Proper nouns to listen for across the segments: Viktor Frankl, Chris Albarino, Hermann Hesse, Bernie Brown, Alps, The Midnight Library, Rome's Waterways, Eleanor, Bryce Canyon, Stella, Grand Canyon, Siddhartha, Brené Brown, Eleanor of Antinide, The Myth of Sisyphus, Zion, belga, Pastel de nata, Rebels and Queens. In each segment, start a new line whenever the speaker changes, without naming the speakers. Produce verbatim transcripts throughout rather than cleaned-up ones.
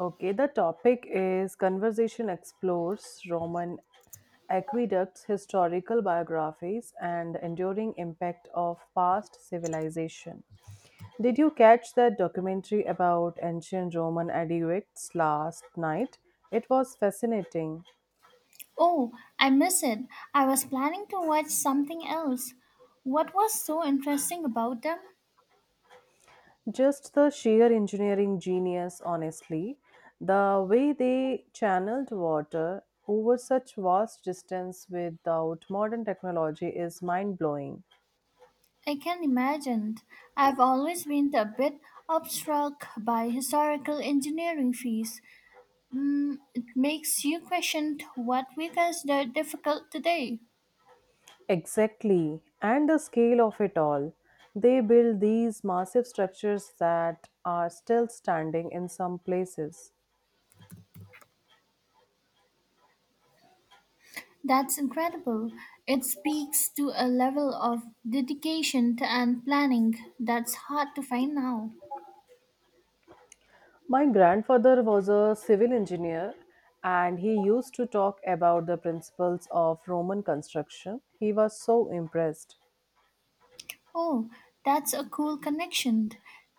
Okay, the topic is Conversation Explores Roman Aqueducts, Historical Biographies, and the Enduring Impact of Past Civilization. Did you catch that documentary about ancient Roman aqueducts last night? It was fascinating.
Oh, I miss it. I was planning to watch something else. What was so interesting about them?
Just the sheer engineering genius, honestly. The way they channeled water over such vast distance without modern technology is mind blowing.
I can imagine. I've always been a bit struck by historical engineering fees. Mm, it makes you question what we consider difficult today.
Exactly, and the scale of it all. They build these massive structures that are still standing in some places.
That's incredible. It speaks to a level of dedication and planning that's hard to find now.
My grandfather was a civil engineer and he used to talk about the principles of Roman construction. He was so impressed.
Oh, that's a cool connection.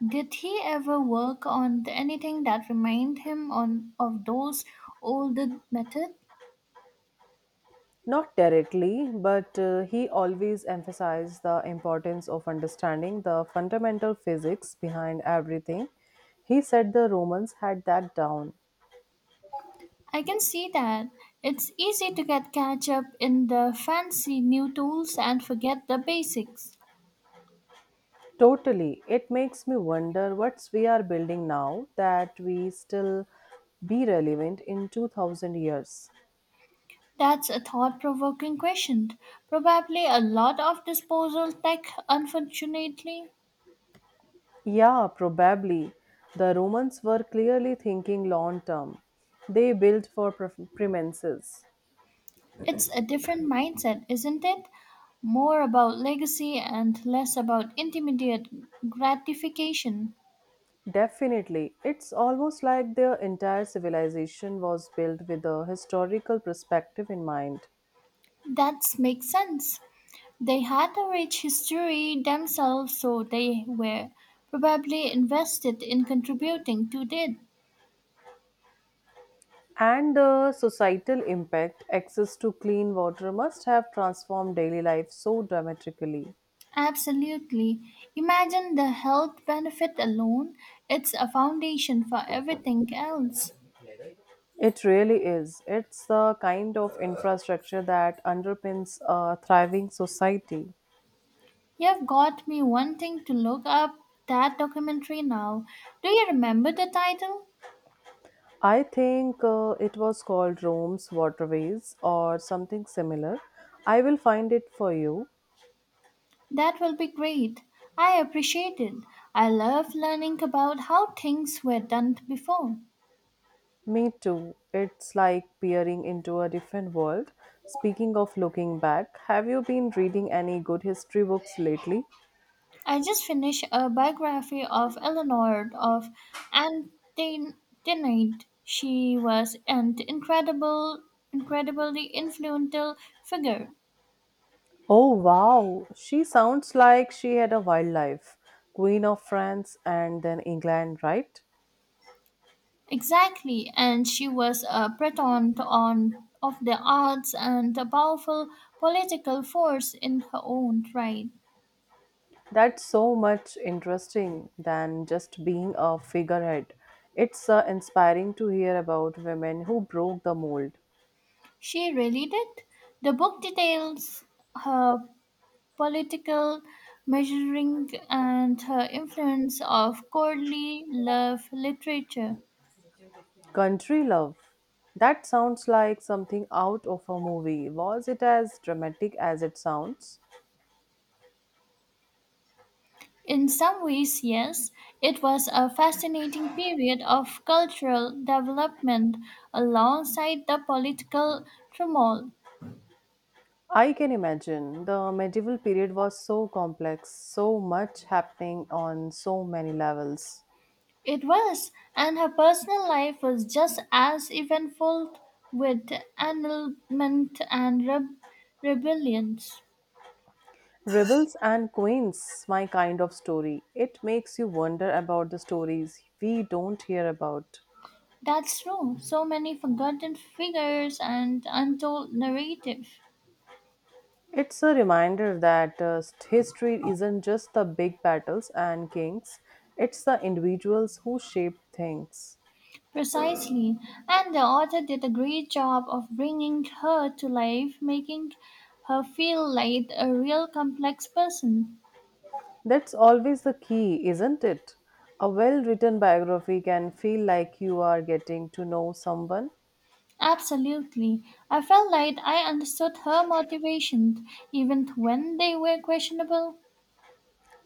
Did he ever work on anything that reminded him on of those old methods?
Not directly, but uh, he always emphasized the importance of understanding the fundamental physics behind everything. He said the Romans had that down.
I can see that. It's easy to get catch up in the fancy new tools and forget the basics.
Totally. It makes me wonder what we are building now that we still be relevant in two thousand years.
That's a thought-provoking question. Probably a lot of disposal tech, unfortunately.
Yeah, probably. The Romans were clearly thinking long term. They built for pre- premises.
It's a different mindset, isn't it? More about legacy and less about immediate gratification.
Definitely. It's almost like their entire civilization was built with a historical perspective in mind.
That makes sense. They had a rich history themselves, so they were probably invested in contributing to it.
And the societal impact access to clean water must have transformed daily life so dramatically.
Absolutely. Imagine the health benefit alone. It's a foundation for everything else.
It really is. It's the kind of infrastructure that underpins a thriving society.
You've got me wanting to look up that documentary now. Do you remember the title?
I think uh, it was called Rome's Waterways or something similar. I will find it for you.
That will be great. I appreciate it. I love learning about how things were done before.
Me too. It's like peering into a different world. Speaking of looking back, have you been reading any good history books lately?
I just finished a biography of Eleanor of Antinide. She was an incredible, incredibly influential figure.
Oh wow, she sounds like she had a wild life. Queen of France and then England, right?
Exactly, and she was a patron on of the arts and a powerful political force in her own right.
That's so much interesting than just being a figurehead. It's uh, inspiring to hear about women who broke the mold.
She really did. The book details her political measuring and her influence of courtly love literature.
Country love. That sounds like something out of a movie. Was it as dramatic as it sounds?
In some ways, yes, it was a fascinating period of cultural development alongside the political turmoil.
I can imagine. The medieval period was so complex, so much happening on so many levels.
It was, and her personal life was just as eventful with annulment and re- rebellions.
Rebels and Queens, my kind of story. It makes you wonder about the stories we don't hear about.
That's true. So many forgotten figures and untold narrative.
It's a reminder that uh, history isn't just the big battles and kings, it's the individuals who shape things.
Precisely. And the author did a great job of bringing her to life, making her feel like a real complex person.
That's always the key, isn't it? A well written biography can feel like you are getting to know someone.
Absolutely. I felt like I understood her motivations, even when they were questionable.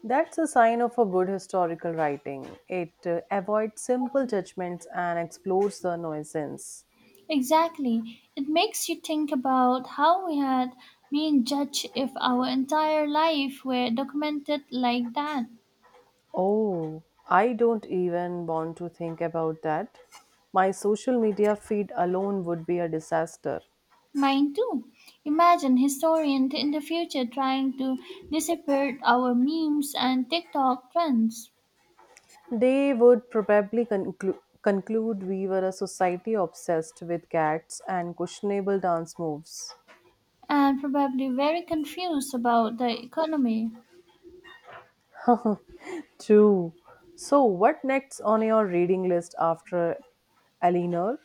That's a sign of a good historical writing. It uh, avoids simple judgments and explores the nuisance.
Exactly. It makes you think about how we had been judged if our entire life were documented like that.
Oh, I don't even want to think about that. My social media feed alone would be a disaster.
Mine too. Imagine historians in the future trying to decipher our memes and TikTok trends,
They would probably conclu- conclude we were a society obsessed with cats and questionable dance moves.
and probably very confused about the economy.
True. So, what next on your reading list after Eleanor?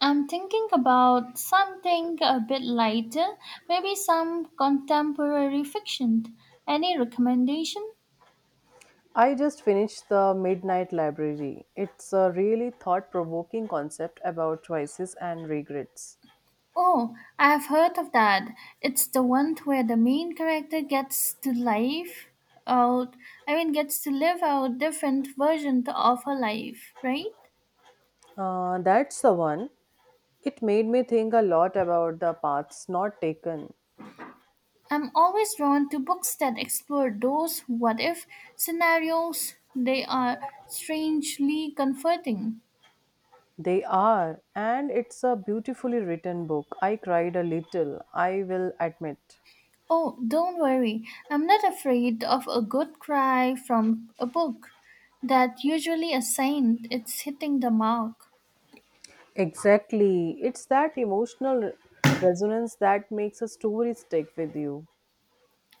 I'm thinking about something a bit lighter, maybe some contemporary fiction. Any recommendation?
I just finished The Midnight Library. It's a really thought provoking concept about choices and regrets.
Oh, I have heard of that. It's the one where the main character gets to live out, I mean, gets to live out different versions of her life, right?
Uh, that's the one. It made me think a lot about the paths not taken.
I'm always drawn to books that explore those what if scenarios. They are strangely comforting.
They are, and it's a beautifully written book. I cried a little, I will admit.
Oh, don't worry. I'm not afraid of a good cry from a book that usually a saint it's hitting the mark.
Exactly. It's that emotional re- resonance that makes a story stick with you.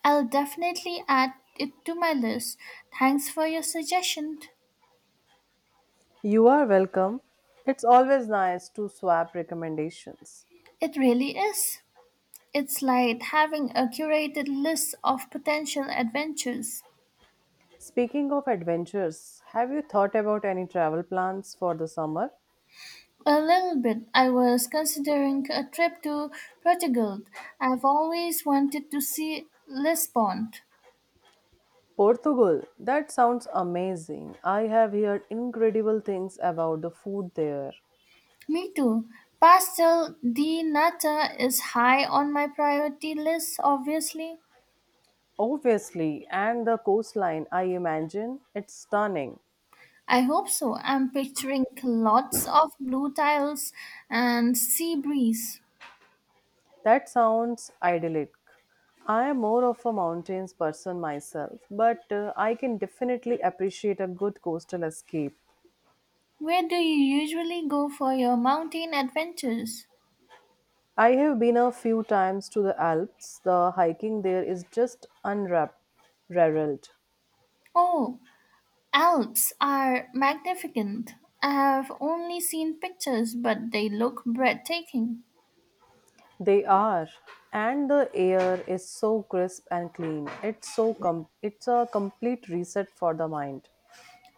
I'll definitely add it to my list. Thanks for your suggestion.
You are welcome. It's always nice to swap recommendations.
It really is. It's like having a curated list of potential adventures.
Speaking of adventures, have you thought about any travel plans for the summer?
A little bit. I was considering a trip to Portugal. I've always wanted to see Lisbon.
Portugal, that sounds amazing. I have heard incredible things about the food there.
Me too. Pastel de nata is high on my priority list, obviously.
Obviously, and the coastline, I imagine it's stunning.
I hope so. I'm picturing lots of blue tiles and sea breeze.
That sounds idyllic. I am more of a mountains person myself, but uh, I can definitely appreciate a good coastal escape.
Where do you usually go for your mountain adventures?
I have been a few times to the Alps. The hiking there is just unrivaled.
Oh, Alps are magnificent. I have only seen pictures, but they look breathtaking.
They are, and the air is so crisp and clean. It's so com- it's a complete reset for the mind.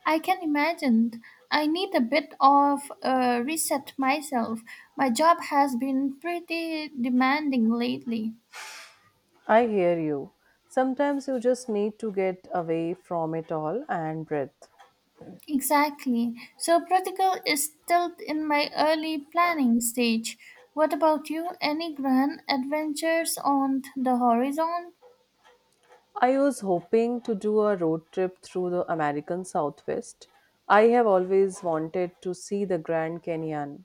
I can imagine. I need a bit of a reset myself. My job has been pretty demanding lately.
I hear you. Sometimes you just need to get away from it all and breathe.
Exactly. So protocol is still in my early planning stage. What about you? Any grand adventures on the horizon?
I was hoping to do a road trip through the American Southwest. I have always wanted to see the Grand Canyon.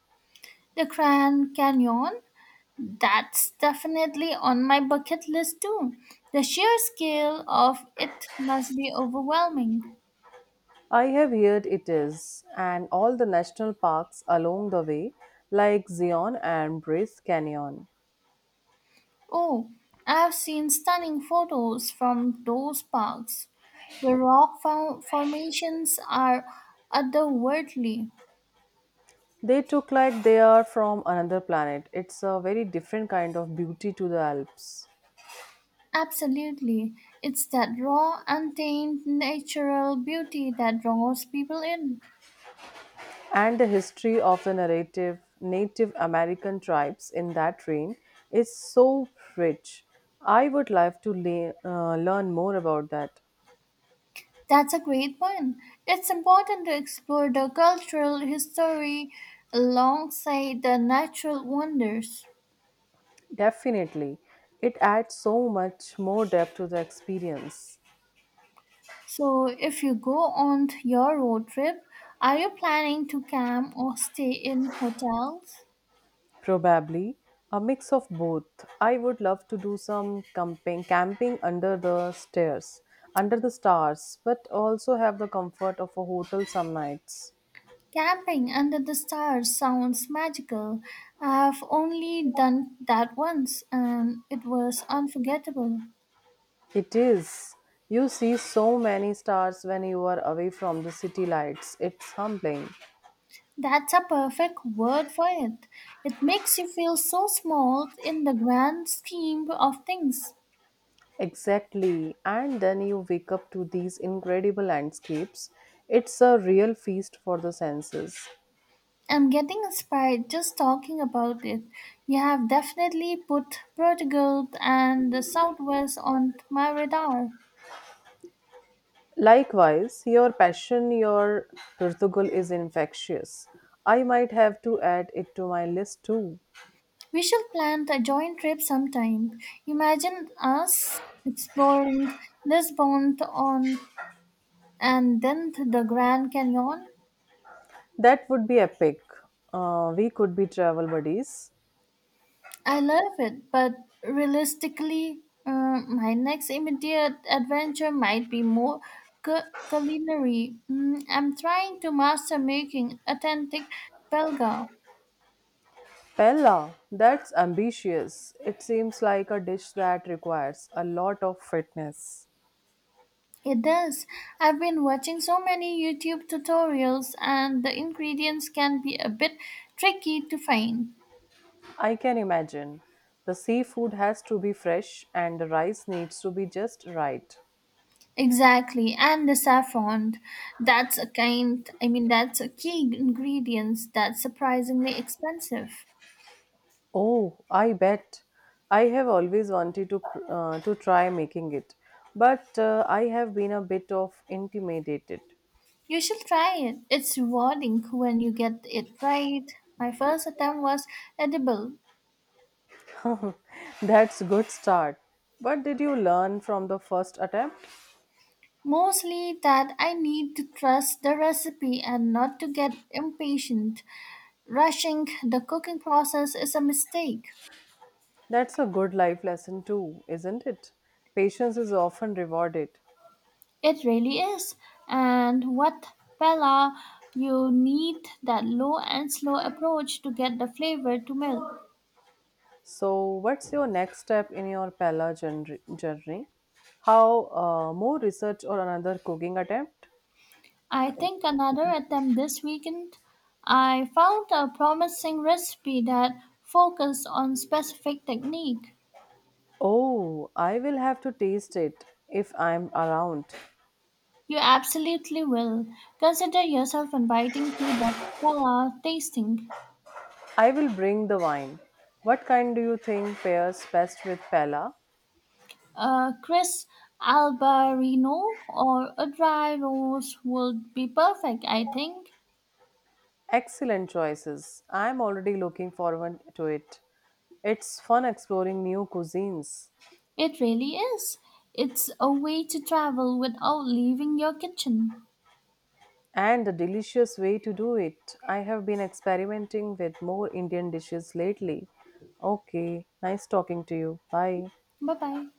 The Grand Canyon? That's definitely on my bucket list too. The sheer scale of it must be overwhelming.
I have heard it is, and all the national parks along the way, like Zion and Bryce Canyon.
Oh, I have seen stunning photos from those parks. The rock fo- formations are otherworldly.
They look like they are from another planet. It's a very different kind of beauty to the Alps.
Absolutely. It's that raw, untamed, natural beauty that draws people in.
And the history of the narrative Native American tribes in that region is so rich. I would love to le- uh, learn more about that.
That's a great point. It's important to explore the cultural history alongside the natural wonders.
Definitely. It adds so much more depth to the experience.
So, if you go on your road trip, are you planning to camp or stay in hotels?
Probably a mix of both. I would love to do some camping, camping under the stairs, under the stars, but also have the comfort of a hotel some nights.
Camping under the stars sounds magical. I've only done that once and it was unforgettable.
It is. You see so many stars when you are away from the city lights. It's humbling.
That's a perfect word for it. It makes you feel so small in the grand scheme of things.
Exactly. And then you wake up to these incredible landscapes. It's a real feast for the senses.
I'm getting inspired just talking about it. You have definitely put Portugal and the Southwest on my radar.
Likewise, your passion, your Portugal is infectious. I might have to add it to my list too.
We should plan a joint trip sometime. Imagine us exploring Lisbon on and then the Grand Canyon.
That would be epic. Uh, we could be travel buddies.
I love it, but realistically, uh, my next immediate adventure might be more cu- culinary. Mm, I'm trying to master making authentic belga.
Pella, that's ambitious. It seems like a dish that requires a lot of fitness.
It does. I've been watching so many YouTube tutorials, and the ingredients can be a bit tricky to find.
I can imagine. The seafood has to be fresh and the rice needs to be just right.
Exactly, and the saffron. That's a kind, I mean, that's a key ingredient that's surprisingly expensive.
Oh, I bet. I have always wanted to cr- uh, to try making it, but uh, I have been a bit of intimidated.
You should try it. It's rewarding when you get it right. My first attempt was edible.
That's good start. But did you learn from the first attempt?
Mostly that I need to trust the recipe and not to get impatient. Rushing the cooking process is a mistake.
That's a good life lesson too, isn't it? Patience is often rewarded.
It really is. And what Bella, you need that low and slow approach to get the flavor to melt.
So, what's your next step in your Pella journey? journey? How uh, more research or another cooking attempt?
I think another attempt this weekend. I found a promising recipe that focused on specific technique.
Oh, I will have to taste it if I'm around.
You absolutely will. Consider yourself inviting to the Stella tasting.
I will bring the wine. What kind do you think pairs best with Pella?
Uh, Chris Albarino or a dry rose would be perfect, I think.
Excellent choices. I'm already looking forward to it. It's fun exploring new cuisines
It really is. It's a way to travel without leaving your kitchen.
and a delicious way to do it. I have been experimenting with more Indian dishes lately. Okay, nice talking to you. Bye.
Bye bye.